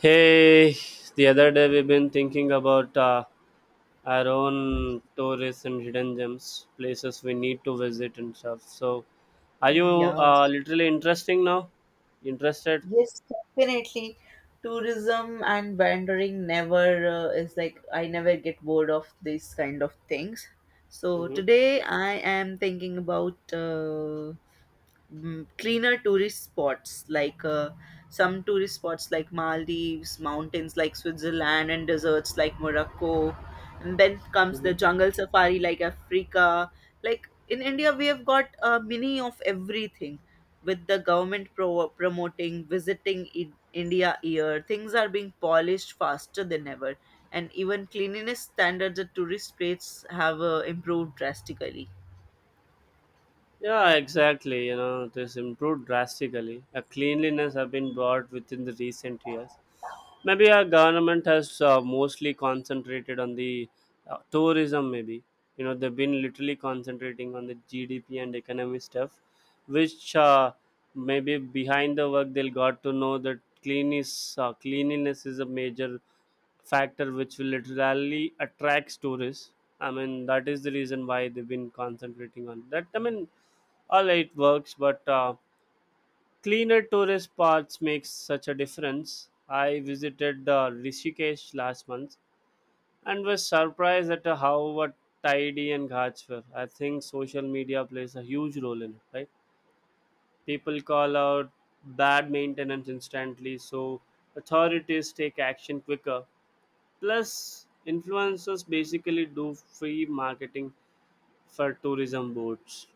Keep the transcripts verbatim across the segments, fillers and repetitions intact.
Hey, the other day we've been thinking about uh, our own tourists and hidden gems, places we need to visit and stuff. So, are you Yeah. uh, literally interesting now? Interested? Yes, definitely. Tourism and wandering never uh, is like I never get bored of these kind of things. So Mm-hmm. today I am thinking about uh, mm, cleaner tourist spots like uh, some tourist spots like Maldives, mountains like Switzerland, and deserts like Morocco. And then comes Mm-hmm. the jungle safari like Africa. Like in India, we have got a mini of everything with the government pro- promoting visiting in India year. Things are being polished faster than ever. And even cleanliness standards at tourist places have uh, improved drastically. Yeah, exactly. You know, it has improved drastically. A cleanliness have been brought within the recent years. Maybe our government has uh, mostly concentrated on the uh, tourism. Maybe you know they've been literally concentrating on the G D P and economy stuff, which uh, maybe behind the work they'll got to know that clean is uh, cleanliness is a major factor which will literally attracts tourists. I mean, that is the reason why they've been concentrating on that. I mean, all right, works, but uh, cleaner tourist spots makes such a difference. I visited uh, Rishikesh last month and was surprised at how uh, tidy and ghats were. I think social media plays a huge role in it, right? People call out bad maintenance instantly, so authorities take action quicker. Plus, influencers basically do free marketing for tourism boards.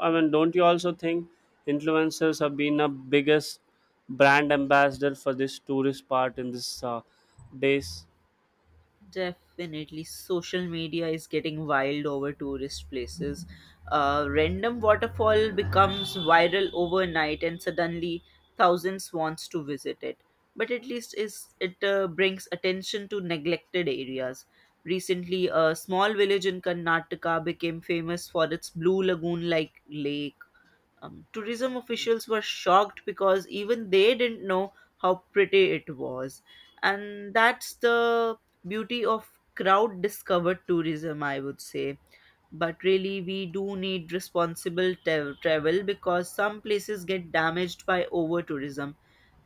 I mean, don't you also think influencers have been the biggest brand ambassador for this tourist part in this uh, days? Definitely, social media is getting wild over tourist places. A random waterfall becomes viral overnight, and suddenly thousands wants to visit it. But at least is it uh, brings attention to neglected areas. Recently, a small village in Karnataka became famous for its blue lagoon-like lake. Um, tourism officials were shocked because even they didn't know how pretty it was. And that's the beauty of crowd discovered tourism, I would say, but really we do need responsible tra- travel because some places get damaged by over tourism.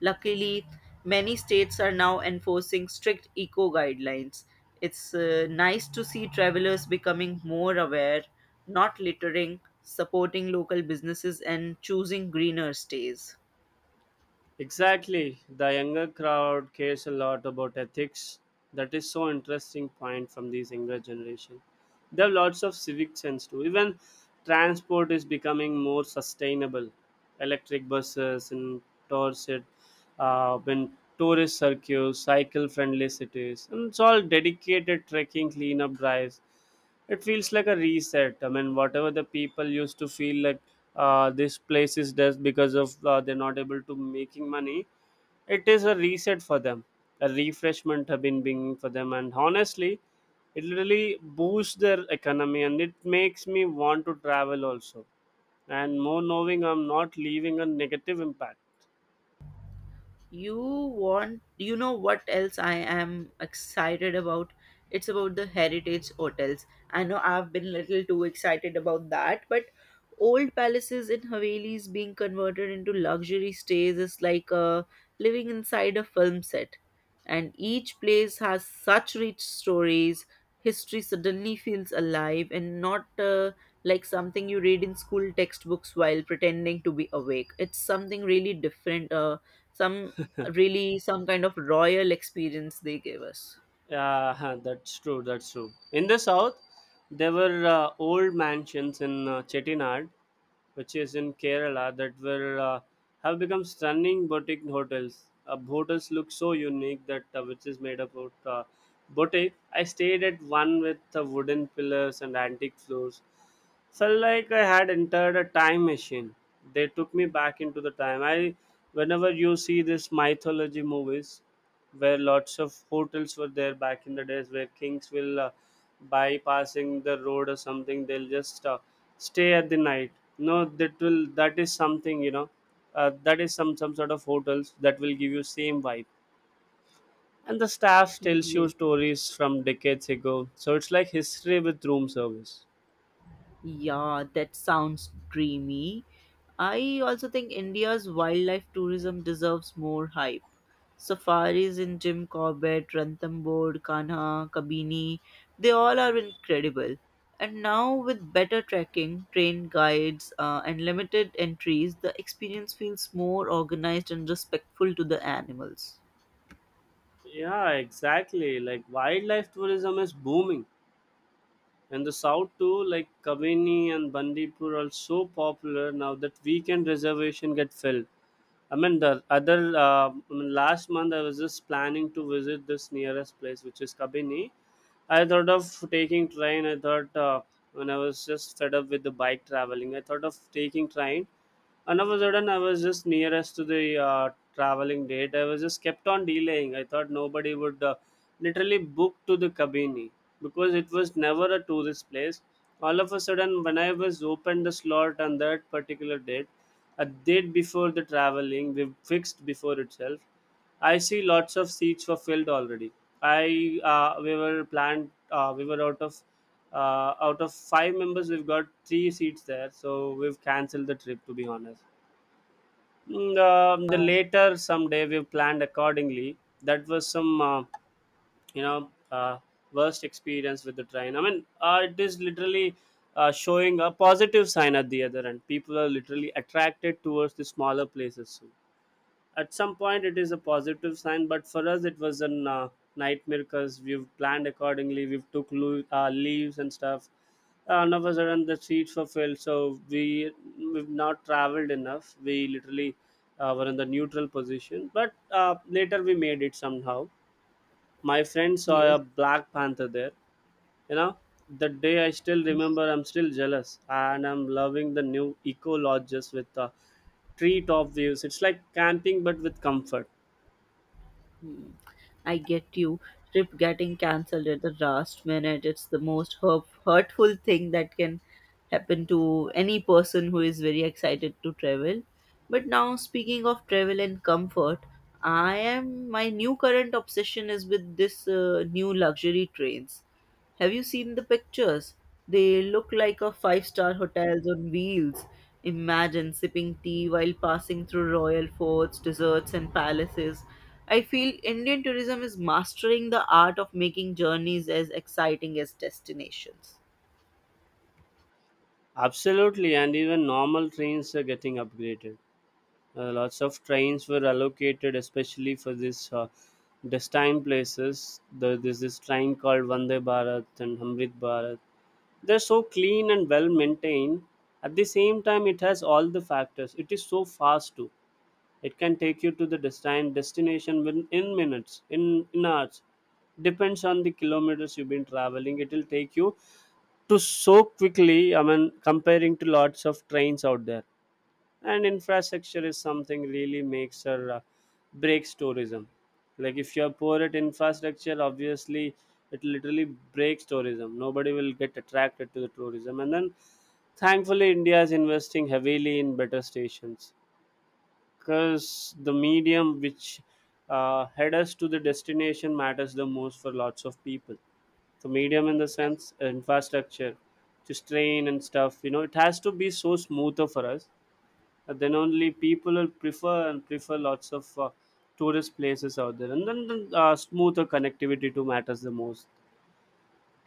Luckily, many states are now enforcing strict eco guidelines. It's uh, nice to see travelers becoming more aware, not littering, supporting local businesses, and choosing greener stays. Exactly. The younger crowd cares a lot about ethics. That is so interesting point from these younger generation. They have lots of civic sense too. Even transport is becoming more sustainable. Electric buses and tours uh, when tourist circuits, cycle-friendly cities, and it's all dedicated trekking cleanup drives. It feels like a reset. I mean, whatever the people used to feel like uh, this place is just because of uh, they're not able to making money, it is a reset for them. A refreshment have been being for them, and honestly, it really boosts their economy, and it makes me want to travel also. And more knowing I'm not leaving a negative impact. You want you know what else I am excited about? It's about the heritage hotels. I know I've been little too excited about that, but old palaces in havelis being converted into luxury stays is like uh, living inside a film set, and each place has such rich stories. History suddenly feels alive and not uh, like something you read in school textbooks while pretending to be awake. It's something really different. uh, some really some kind of royal experience they gave us. Yeah, huh, that's true. That's true. In the south, there were uh, old mansions in uh, Chettinad, which is in Kerala, that will uh, have become stunning boutique hotels. Uh, hotels look so unique that uh, which is made up of uh, boutique. I stayed at one with uh, wooden pillars and antique floors. Felt like I had entered a time machine. They took me back into the time. I, whenever you see this mythology movies, where lots of hotels were there back in the days, where kings will uh, bypassing the road or something, they'll just uh, stay at the night. No, that will that is something, you know, uh, that is some some sort of hotels that will give you same vibe, and the staff tells you Yes. stories from decades ago, so it's like history with room service. Yeah, that sounds dreamy. I also think India's wildlife tourism deserves more hype. Safaris in Jim Corbett, Ranthambore, Kanha, Kabini, they all are incredible. And now, with better trekking, trained guides, uh, and limited entries, the experience feels more organized and respectful to the animals. Yeah, exactly, like wildlife tourism is booming, and the south too, like Kabini and Bandipur are so popular now that weekend reservation get filled. I mean, the other uh, I mean, last month I was just planning to visit this nearest place, which is Kabini. I thought of taking train. I thought uh, when I was just fed up with the bike traveling, I thought of taking train. And all of a sudden, I was just nearest to the uh, traveling date. I was just kept on delaying. I thought nobody would uh, literally book to the Kabini because it was never a tourist place. All of a sudden, when I was opened the slot on that particular date, a date before the traveling, we fixed before itself. I see lots of seats were filled already. I uh, We were planned. Uh, we were out of uh, out of five members. We've got three seats there, so we've cancelled the trip. To be honest, Mm, um, the later someday we've planned accordingly. That was some uh, you know uh, worst experience with the train. I mean, uh, it is literally uh, showing a positive sign at the other end. People are literally attracted towards the smaller places. At some point it is a positive sign, but for us it was a uh, nightmare because we've planned accordingly, we've took lo- uh, leaves and stuff, and all of a sudden the seats were filled, so we we've not traveled enough. We literally uh, were in the neutral position, but uh, later we made it somehow. My friend saw a Yes. black panther there, you know. The day, I still remember, I'm still jealous, and I'm loving the new eco lodges with uh, treetop views. It's like camping but with comfort. Hmm. I get you. Trip getting cancelled at the last minute, it's the most hurt- hurtful thing that can happen to any person who is very excited to travel. But now, speaking of travel and comfort, I am my new current obsession is with this uh, new luxury trains. Have you seen the pictures? They look like a five star hotels on wheels. Imagine sipping tea while passing through royal forts, deserts, and palaces. I feel Indian tourism is mastering the art of making journeys as exciting as destinations. Absolutely, and even normal trains are getting upgraded. Uh, lots of trains were allocated, especially for this uh, destined places. The, there's this train called Vande Bharat and Amrit Bharat. They're so clean and well maintained. At the same time, it has all the factors. It is so fast too. It can take you to the destined destination within, in minutes, in, in hours. Depends on the kilometers you've been traveling. It will take you to so quickly. I mean, comparing to lots of trains out there, and infrastructure is something really makes or uh, breaks tourism. Like if you are poor at infrastructure, obviously it literally breaks tourism. Nobody will get attracted to the tourism, and then thankfully India is investing heavily in better stations, because the medium which uh, head us to the destination matters the most for lots of people. The medium in the sense uh, infrastructure, just train and stuff, you know, it has to be so smoother for us, that then only people will prefer and prefer lots of uh, tourist places out there, and then the uh, smoother connectivity to matters the most.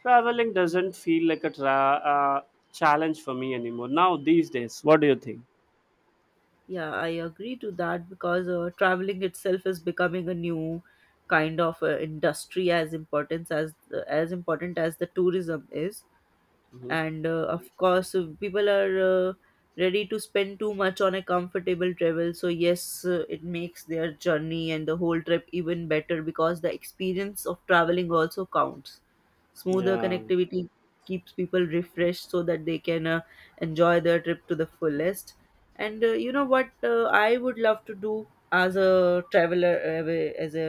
Traveling doesn't feel like a tra- uh, challenge for me anymore now these days. What do you think? Yeah, I agree to that because uh, traveling itself is becoming a new kind of uh, industry, as importance as as important as the tourism is. Hmm. And uh, of course, uh, people are uh, ready to spend too much on a comfortable travel, so yes, uh, it makes their journey and the whole trip even better because the experience of traveling also counts. Smoother Yeah, connectivity keeps people refreshed so that they can uh, enjoy their trip to the fullest. And uh, you know what, uh, I would love to do as a traveler, uh, as a,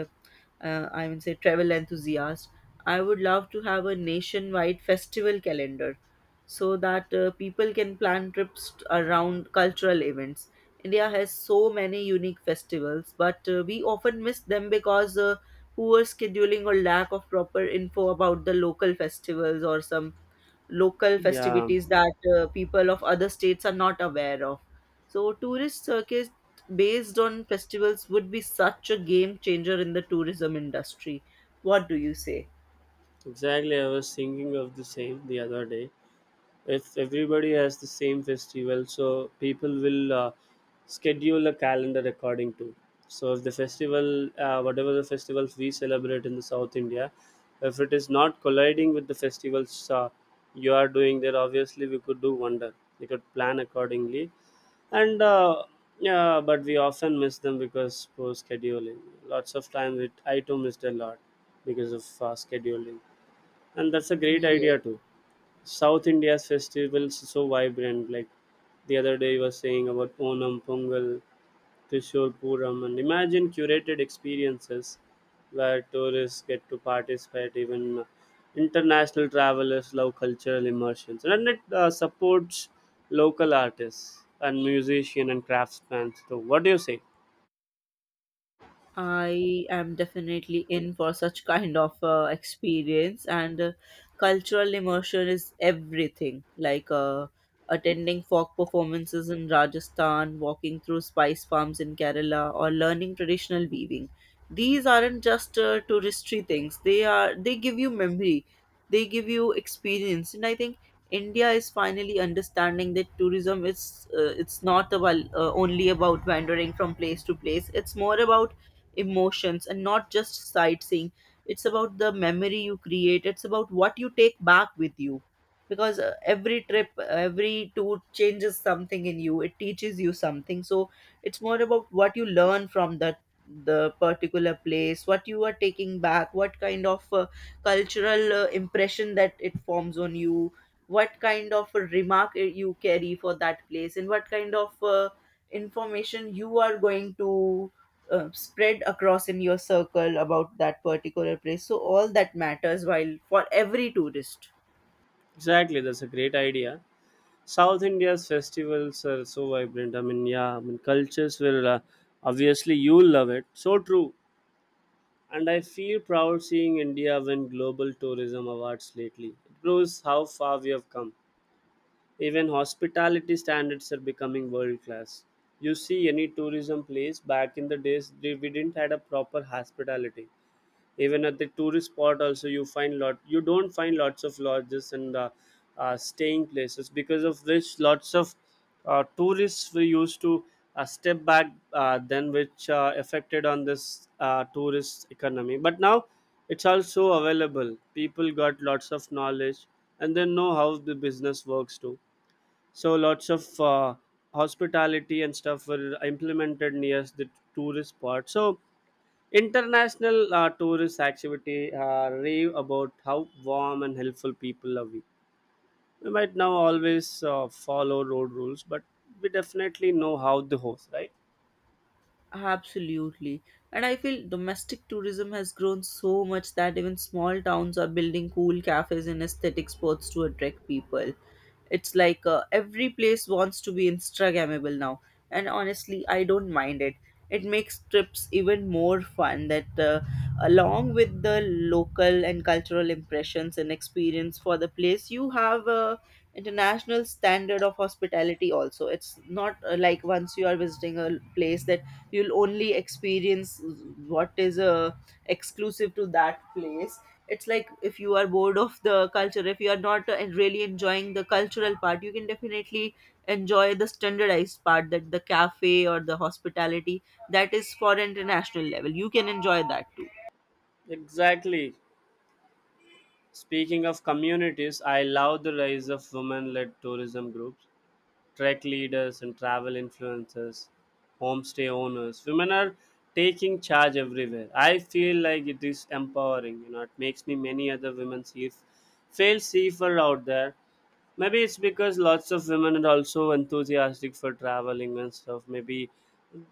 uh, I would say, travel enthusiast, I would love to have a nationwide festival calendar so that uh, people can plan trips t- around cultural events. India has so many unique festivals, but uh, we often miss them because uh, poor scheduling or lack of proper info about the local festivals or some local yeah. festivities that uh, people of other states are not aware of. So, tourist circuit based on festivals would be such a game changer in the tourism industry. What do you say? Exactly, I was thinking of the same the other day. If everybody has the same festival, so people will uh, schedule a calendar according to. So if the festival, uh, whatever the festivals we celebrate in the South India, if it is not colliding with the festivals uh, you are doing there, obviously we could do wonder. We could plan accordingly, and uh, yeah, but we often miss them because poor scheduling. Lots of times, it I too missed a lot because of uh, scheduling, and that's a great idea Yes. too. South India's festivals so vibrant, like the other day you were saying about Onam, Pongal, Kishore Puram, and imagine curated experiences where tourists get to participate. Even international travelers love cultural immersions, and it uh, supports local artists and musicians and craftsmen. So what do you say? I am definitely in for such kind of uh, experience, and uh, cultural immersion is everything. Like uh, attending folk performances in Rajasthan, walking through spice farms in Kerala, or learning traditional weaving. These aren't just uh, touristy things. They are they give you memory, they give you experience, and I think India is finally understanding that tourism is uh, it's not about, uh, only about, wandering from place to place. It's more about emotions and not just sightseeing. It's about the memory you create, it's about what you take back with you, because uh, every trip, every tour changes something in you, it teaches you something. So it's more about what you learn from that, the particular place, what you are taking back, what kind of uh, cultural uh, impression that it forms on you, what kind of a remark uh, you carry for that place, and what kind of uh, information you are going to uh, spread across in your circle about that particular place. So all that matters while for every tourist. Exactly, that's a great idea. South India's festivals are so vibrant. I mean, yeah, I mean, cultures will uh, obviously you'll love it. So true. And I feel proud seeing India win global tourism awards lately. It proves how far we have come. Even hospitality standards are becoming world class. You see, any tourism place back in the days, they, we didn't had a proper hospitality. Even at the tourist spot also, you find lot you don't find lots of lodges and uh, uh, staying places, because of which lots of uh, tourists were used to uh, step back, uh, then which uh, affected on this uh, tourist economy. But now it's also available. People got lots of knowledge, and they know how the business works too. So lots of uh, hospitality and stuff were implemented near the tourist spot. So international uh, tourist activity uh, rave about how warm and helpful people are. We we might now always uh, follow road rules, but we definitely know how to host, right? Absolutely, and I feel domestic tourism has grown so much that even small towns are building cool cafes and aesthetic spots to attract people. It's like uh, every place wants to be Instagrammable now, and honestly, I don't mind it. It makes trips even more fun. That, uh, along with the local and cultural impressions and experience for the place, you have a international standard of hospitality also. It's not uh, like once you are visiting a place that you'll only experience what is uh, exclusive to that place. It's like if you are bored of the culture, if you are not uh, really enjoying the cultural part, you can definitely enjoy the standardized part, that the cafe or the hospitality that is for international level, you can enjoy that too. Exactly. Speaking of communities, I love the rise of women-led tourism groups, trek leaders, and travel influencers, homestay owners. Women are taking charge everywhere. I feel like it is empowering. You know, it makes me many other women see feel safer out there. Maybe it's because lots of women are also enthusiastic for traveling and stuff. Maybe,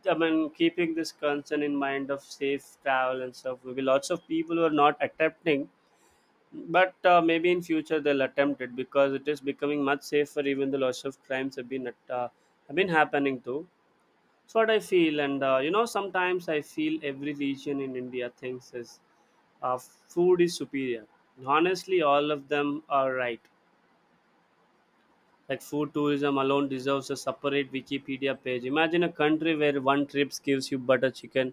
I mean, keeping this concern in mind of safe travel and stuff. Maybe lots of people who are not attempting, but uh, maybe in future they'll attempt it because it is becoming much safer. Even the lots of crimes have been at, uh, have been happening too. That's what I feel, and uh, you know, sometimes I feel every region in India thinks is uh, food is superior. Honestly, all of them are right. Like food tourism alone deserves a separate Wikipedia page. Imagine a country where one trip gives you butter chicken,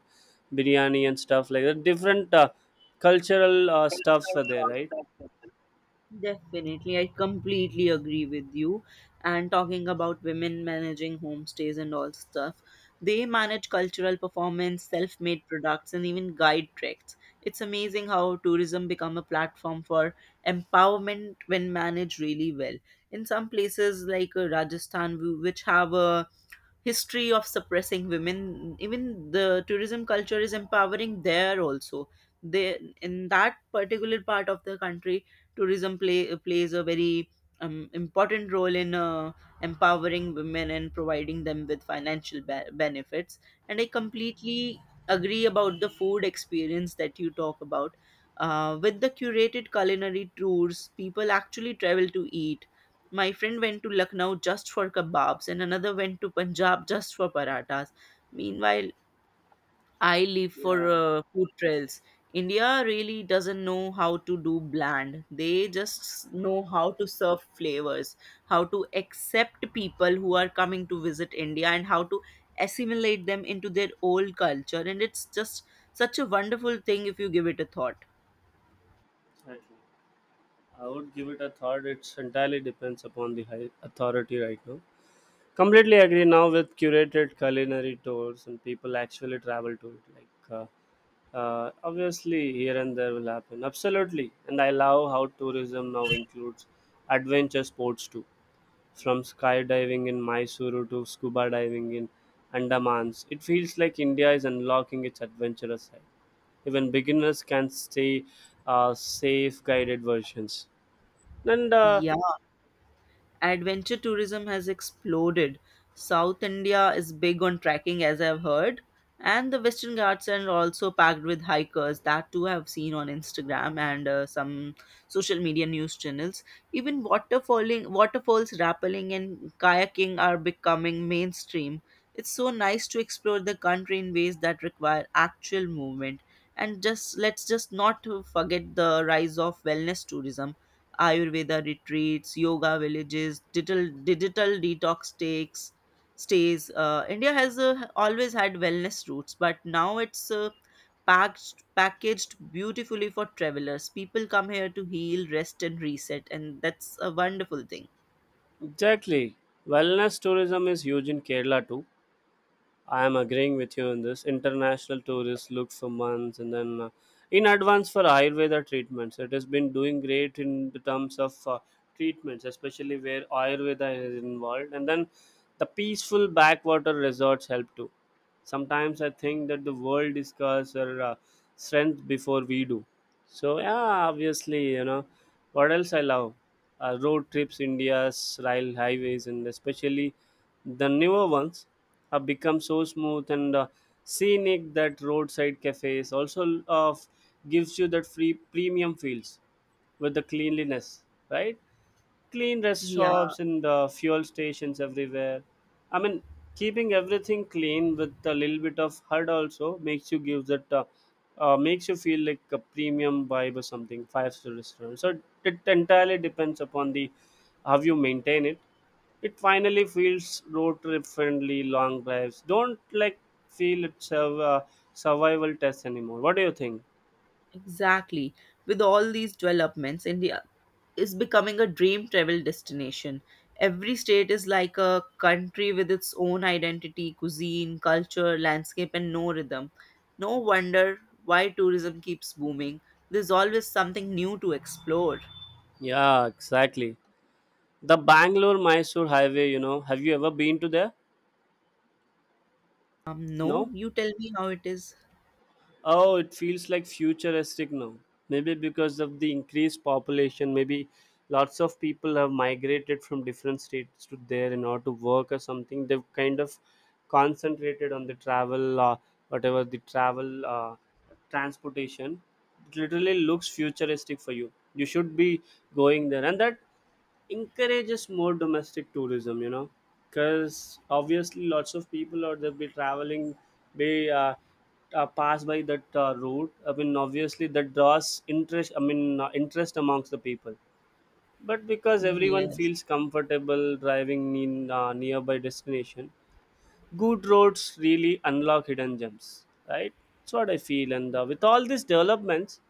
biryani, and stuff like that. Different uh, cultural uh, stuffs are there, right? Definitely, I completely agree with you. And talking about women managing homestays and all stuff, they manage cultural performance, self made products, and even guide treks. It's amazing how tourism become a platform for empowerment when managed really well. In some places like uh, Rajasthan, w- which have a history of suppressing women, even the tourism culture is empowering there also. They, in that particular part of the country, tourism play, plays a very um, important role in uh, empowering women and providing them with financial be- benefits. And I completely agree about the food experience that you talk about. Uh, with the curated culinary tours, people actually travel to eat. My friend went to Lucknow just for kebabs, and another went to Punjab just for parathas. Meanwhile, I live for Yeah, uh, food trails. India really doesn't know how to do bland. They just know how to serve flavors, how to accept people who are coming to visit India, and how to assimilate them into their old culture. And it's just such a wonderful thing if you give it a thought. exactly. I would give it a thought. It's entirely depends upon the high authority right now. Completely agree now with curated culinary tours and people actually travel to it. Like uh, uh, obviously here and there will happen. Absolutely, and I love how tourism now includes adventure sports too. From skydiving in Mysuru to scuba diving in Andamans, it feels like India is unlocking its adventurous side. Even beginners can stay uh, safe guided versions. And uh, Yeah. Adventure tourism has exploded. South India is big on trekking, as I've heard, and the Western Ghats are also packed with hikers. That too I've seen on Instagram and uh, some social media news channels. Even waterfalling, waterfalls, rappelling, and kayaking are becoming mainstream. It's so nice to explore the country in ways that require actual movement. And just, let's just not forget the rise of wellness tourism: Ayurveda retreats, yoga villages, digital digital detox takes stays. Uh, India has uh, always had wellness routes, but now it's uh, packed packaged beautifully for travelers. People come here to heal, rest, and reset, and that's a wonderful thing. exactly, wellness tourism is huge in Kerala too. I am agreeing with you on this. International tourists look for months and then uh, in advance for Ayurveda treatments. It has been doing great in the terms of uh, treatments, especially where Ayurveda is involved. And then the peaceful backwater resorts help too. Sometimes I think that the world discovers our uh, strength before we do. So, yeah, obviously, you know, what else I love? Uh, road trips, India's rail highways, and especially the newer ones have become so smooth and uh, scenic that roadside cafes also uh, gives you that free premium feels with the cleanliness, right? Clean rest Yeah. stops and the fuel stations everywhere. I mean, keeping everything clean with a little bit of H U D also makes you give that uh, uh, makes you feel like a premium vibe or something five star restaurant. So it entirely depends upon the how you maintain it. It finally feels road trip friendly long drives. Don't like feel it's a uh, survival test anymore. What do you think? Exactly. With all these developments, India is becoming a dream travel destination. Every state is like a country with its own identity, cuisine, culture, landscape, and no rhythm. No wonder why tourism keeps booming. There's always something new to explore. Yeah, exactly. The Bangalore Mysore highway, you know, have you ever been to there? Um, no, No? you tell me how it is. Oh, it feels like futuristic now. Maybe because of the increased population, maybe lots of people have migrated from different states to there in order to work or something. They've kind of concentrated on the travel, uh, whatever the travel uh, transportation. It literally looks futuristic for you. You should be going there, and that encourages more domestic tourism, you know, because obviously lots of people or they'll be traveling, they uh, uh, pass by that uh, route. I mean obviously that draws interest. I mean uh, interest amongst the people, but because everyone Yes, feels comfortable driving in uh, nearby destination. Good roads really unlock hidden gems, right? That's what I feel. And uh, with all these developments,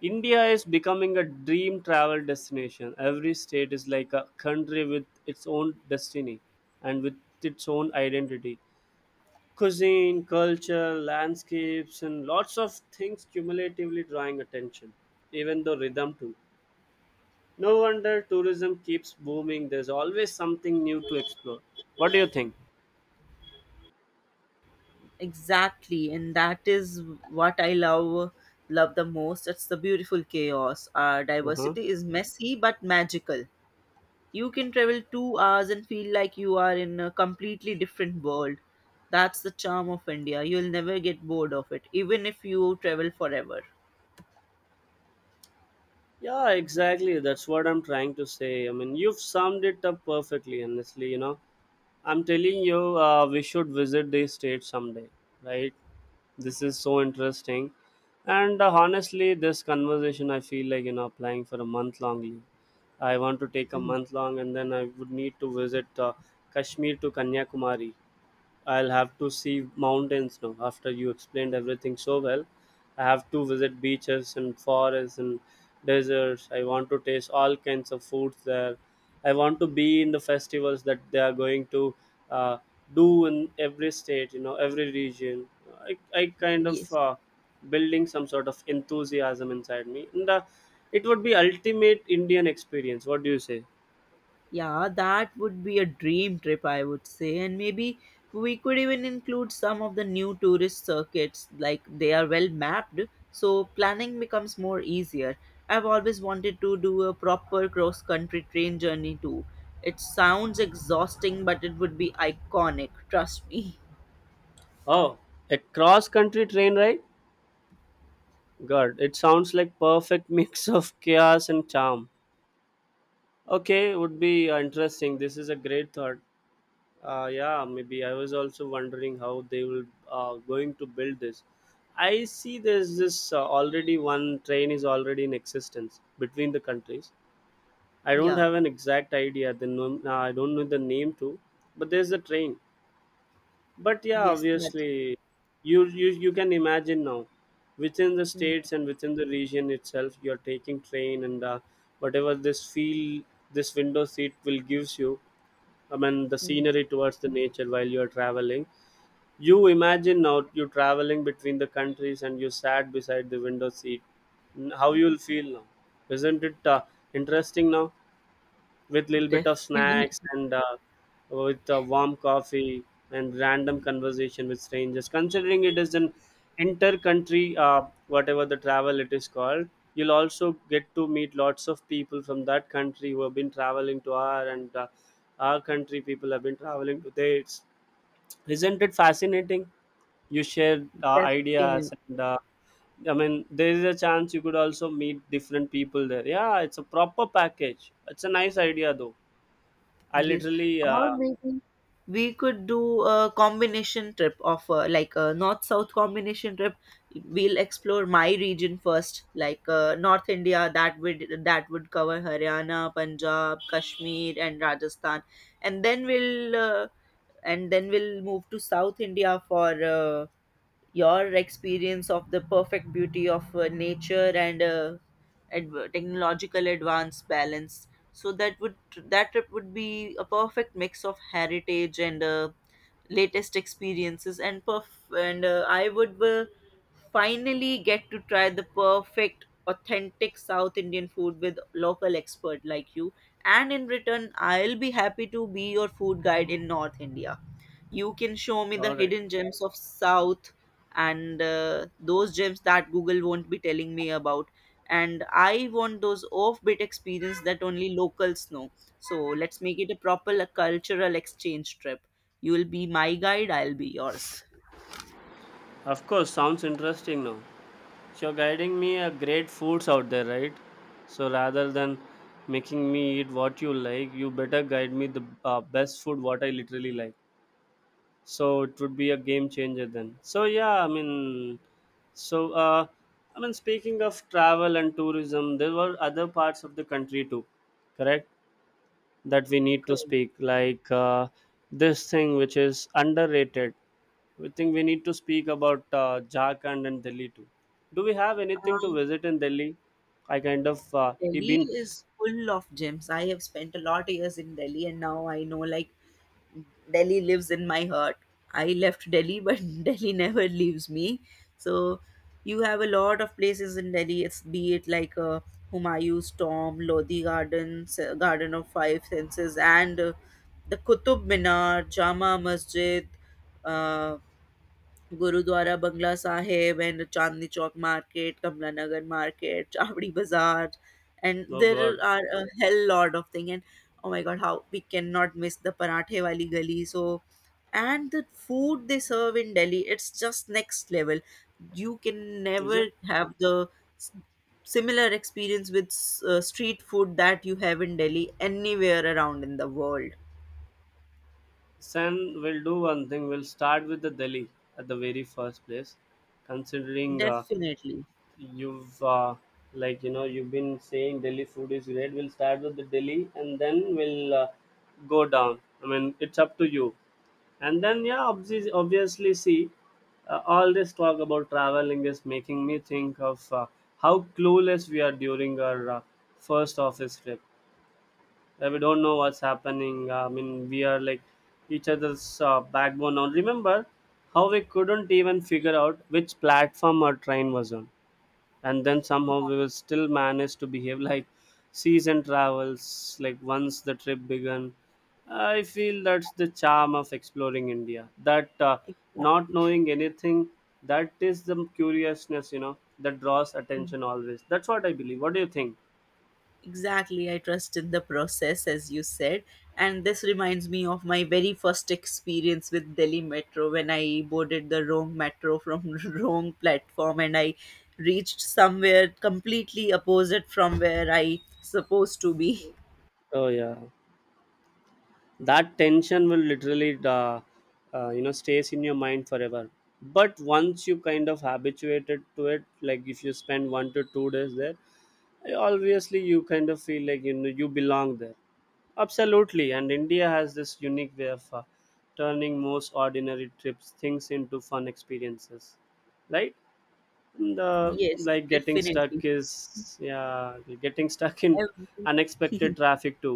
India is becoming a dream travel destination. Every state is like a country with its own destiny and with its own identity. Cuisine, culture, landscapes, and lots of things cumulatively drawing attention, even though rhythm too. No wonder tourism keeps booming. There's always something new to explore. What do you think? exactly, and that is what I love love the most. It's the beautiful chaos. Our Uh-huh. diversity is messy but magical. You can travel two hours and feel like you are in a completely different world. That's the charm of India. You'll never get bored of it, even if you travel forever. Yeah, exactly. That's what I'm trying to say. I mean, you've summed it up perfectly, honestly, you know. I'm telling you, uh, we should visit this state someday, right? This is so interesting. And uh, honestly, this conversation, I feel like, you know, applying for a month long leave. I want to take a month long and then I would need to visit uh, Kashmir to Kanyakumari. I'll have to see mountains now. After you explained everything so well, I have to visit beaches and forests and deserts. I want to taste all kinds of foods there. I want to be in the festivals that they are going to uh, do in every state, you know, every region. I, I Mhm. kind of Yes. uh, building some sort of enthusiasm inside me. And uh, it would be ultimate Indian experience. What do you say? Yeah, that would be a dream trip, I would say. And maybe we could even include some of the new tourist circuits, like they are well mapped, so planning becomes more easier. I've always wanted to do a proper cross country train journey too. It sounds exhausting, but it would be iconic, trust me. Oh, a cross country train ride? God, it sounds like perfect mix of chaos and charm. Okay, would be uh, interesting. This is a great thought. Uh, yeah, maybe I was also wondering how they will uh, going to build this. I see there's this uh, already one train is already in existence between the countries. I don't Yeah, have an exact idea. The nom- uh, I don't know the name too, but there's a train. But yeah, yes, that. obviously, you you you can imagine now, within the Mhm, states and within the region itself you're taking train and uh, whatever this feel this window seat will gives you. I mean the mhm. scenery towards the nature while you're traveling. You imagine now you're traveling between the countries and you sat beside the window seat. N- how you'll feel now? Isn't it uh, interesting now, with little bit of Defin- snacks and uh, with a warm coffee and random conversation with strangers, considering it is an inter country uh, whatever the travel it is called. You'll also get to meet lots of people from that country who have been traveling to our, and uh, our country people have been traveling to theirs. Isn't it fascinating? You share uh, ideas Definitely. and uh, I mean, there is a chance you could also meet different people there. Yeah, it's a proper package. It's a nice idea, though. I Yes, literally, or uh, maybe we could do a combination trip of uh, like a north-south combination trip. We'll explore my region first, like uh, North India. That would that would cover Haryana, Punjab, Kashmir, and Rajasthan, and then we'll uh, and then we'll move to South India for uh, your experience of the perfect beauty of uh, nature and uh, adv- technological advance balance. So that would that would be a perfect mix of heritage and uh, latest experiences, and perf- and uh, I would uh, finally get to try the perfect authentic south indian food with local expert like you, and in return I'll be happy to be your food guide in north india. You can show me the All right. hidden gems of south, and uh, those gems that google won't be telling me about, and I want those offbeat experience that only locals know. So let's make it a proper a cultural exchange trip. You will be my guide, I'll be yours. Of course, sounds interesting now. So you're guiding me a great foods out there, right? So rather than making me eat what you like, you better guide me the uh, best food what I literally like. So it would be a game changer then. So yeah, I mean, so uh, I mean, speaking of travel and tourism, there were other parts of the country too, correct? That we need to Good. speak like uh, this thing which is underrated. We think we need to speak about uh, Jharkhand and Delhi too. Do we have anything to Um, visit in Delhi? I kind of uh, he Delhi been is full of gems. I have spent a lot of years in Delhi, and now I know, like, Delhi lives in my heart. I left Delhi, but Delhi never leaves me. So you have a lot of places in Delhi. It's Be it like uh, Humayun's tomb, Lodi Gardens, uh, Garden of Five Senses, and uh, the Qutub Minar, Jama Masjid, uh, gurdwara Bangla Sahib, and Chandni Chowk Market, Kamla Nagar Market, Chavdi Bazaar, and Oh there god, are a hell lot of thing. And oh my god, how we cannot miss the Parathe Wali Gali. So, and the food they serve in Delhi, it's just next level. You can is never it? have the s- similar experience with s- uh, street food that you have in Delhi anywhere around in the world. Then we'll do one thing. We'll start with the Delhi at the very first place, considering uh, Definitely. you've uh, like you know you've been saying Delhi food is great. We'll start with the Delhi and then we'll uh, go down. I mean, it's up to you. And then yeah, obvi- obviously, see, uh, all this talk about traveling is making me think of uh, how clueless we are during our uh, first office trip. Uh, we don't know what's happening. I mean we are like each other's uh, backbone now. Remember how we couldn't even figure out which platform our train was on, and then somehow we will still manage to behave like season travels. Like once the trip began, I feel that's the charm of exploring India, that uh, not Exactly. knowing anything, that is the curiousness, you know, that draws attention always. That's what I believe. What do you think? Exactly, I trust in the process, as you said. And this reminds me of my very first experience with Delhi Metro, when I boarded the wrong metro from wrong platform and I reached somewhere completely opposite from where I supposed to be. Oh yeah, that tension will literally uh, uh, you know stays in your mind forever. But once you kind of habituated to it, like if you spend one to two days there, obviously you kind of feel like you know you belong there. Absolutely, and India has this unique way of uh, turning most ordinary trips things into fun experiences, right? And uh, Yes, like getting stuck definitely. is, yeah, getting stuck in Every- unexpected traffic to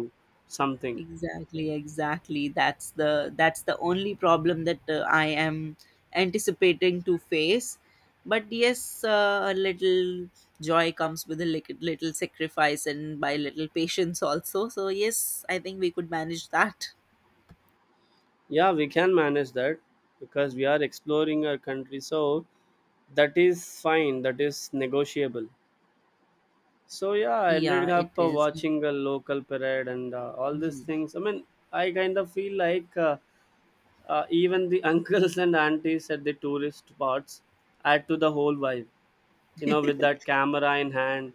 something. Exactly, exactly. That's the that's the only problem that uh, I am anticipating to face. But yes, uh, a little joy comes with a lit- little sacrifice and by little patience also. So yes, I think we could manage that. Yeah, we can manage that because we are exploring our country, so that is fine, that is negotiable. So yeah, I Yeah, ended it up uh, is. watching a local parade and uh, all these Mhm. things. I mean I kind of feel like uh, uh, even the uncles and aunties at the tourist spots add to the whole vibe, you know, with that camera in hand,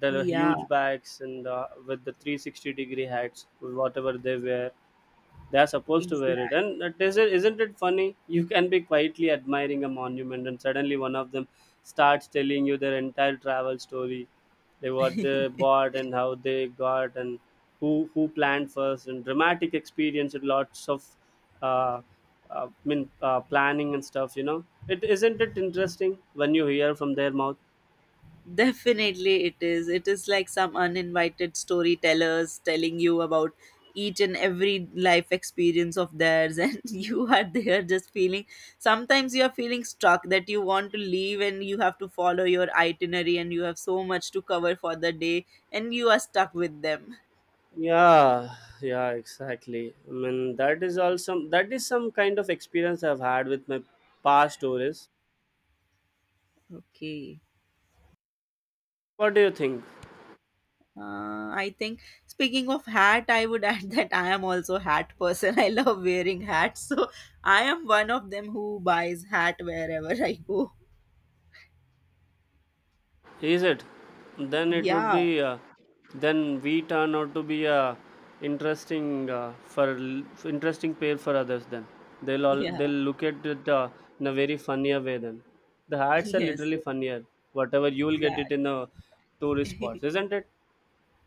the Yeah, huge bags and uh, with the three sixty degree hats whatever they wear they are supposed to exactly. wear it. And it is, isn't it funny, you can be quietly admiring a monument and suddenly one of them starts telling you their entire travel story, they what they bought and how they got, and who who planned first, and dramatic experience and lots of uh, uh, I mean, uh, planning and stuff, you know, it isn't it interesting when you hear from their mouth? Definitely, it is. It is like some uninvited storytellers telling you about each and every life experience of theirs, and you are there just feeling. Sometimes you are feeling stuck that you want to leave and you have to follow your itinerary, and you have so much to cover for the day, and you are stuck with them. Yeah yeah exactly, I mean that is also, that is some kind of experience I've had with my past tourists. Okay. What do you think? Uh, I think speaking of hat, I would add that I am also hat person. I love wearing hats, so I am one of them who buys hat wherever I go. Is it? Then it would Yeah, be. Uh, then we turn out to be a interesting uh, for l- f- interesting pair for others. Then they'll all yeah, they'll look at it uh, in a very funnier way. Then the hats are yes, literally funnier. Whatever you'll get it in the tourist exactly. spots, isn't it?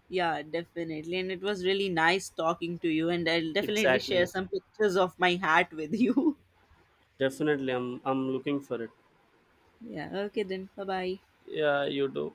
Yeah, definitely. And it was really nice talking to you, and I'll definitely share Exactly. some pictures of my hat with you. Definitely, I'm I'm looking for it. Yeah, okay then. Bye bye. Yeah, you do.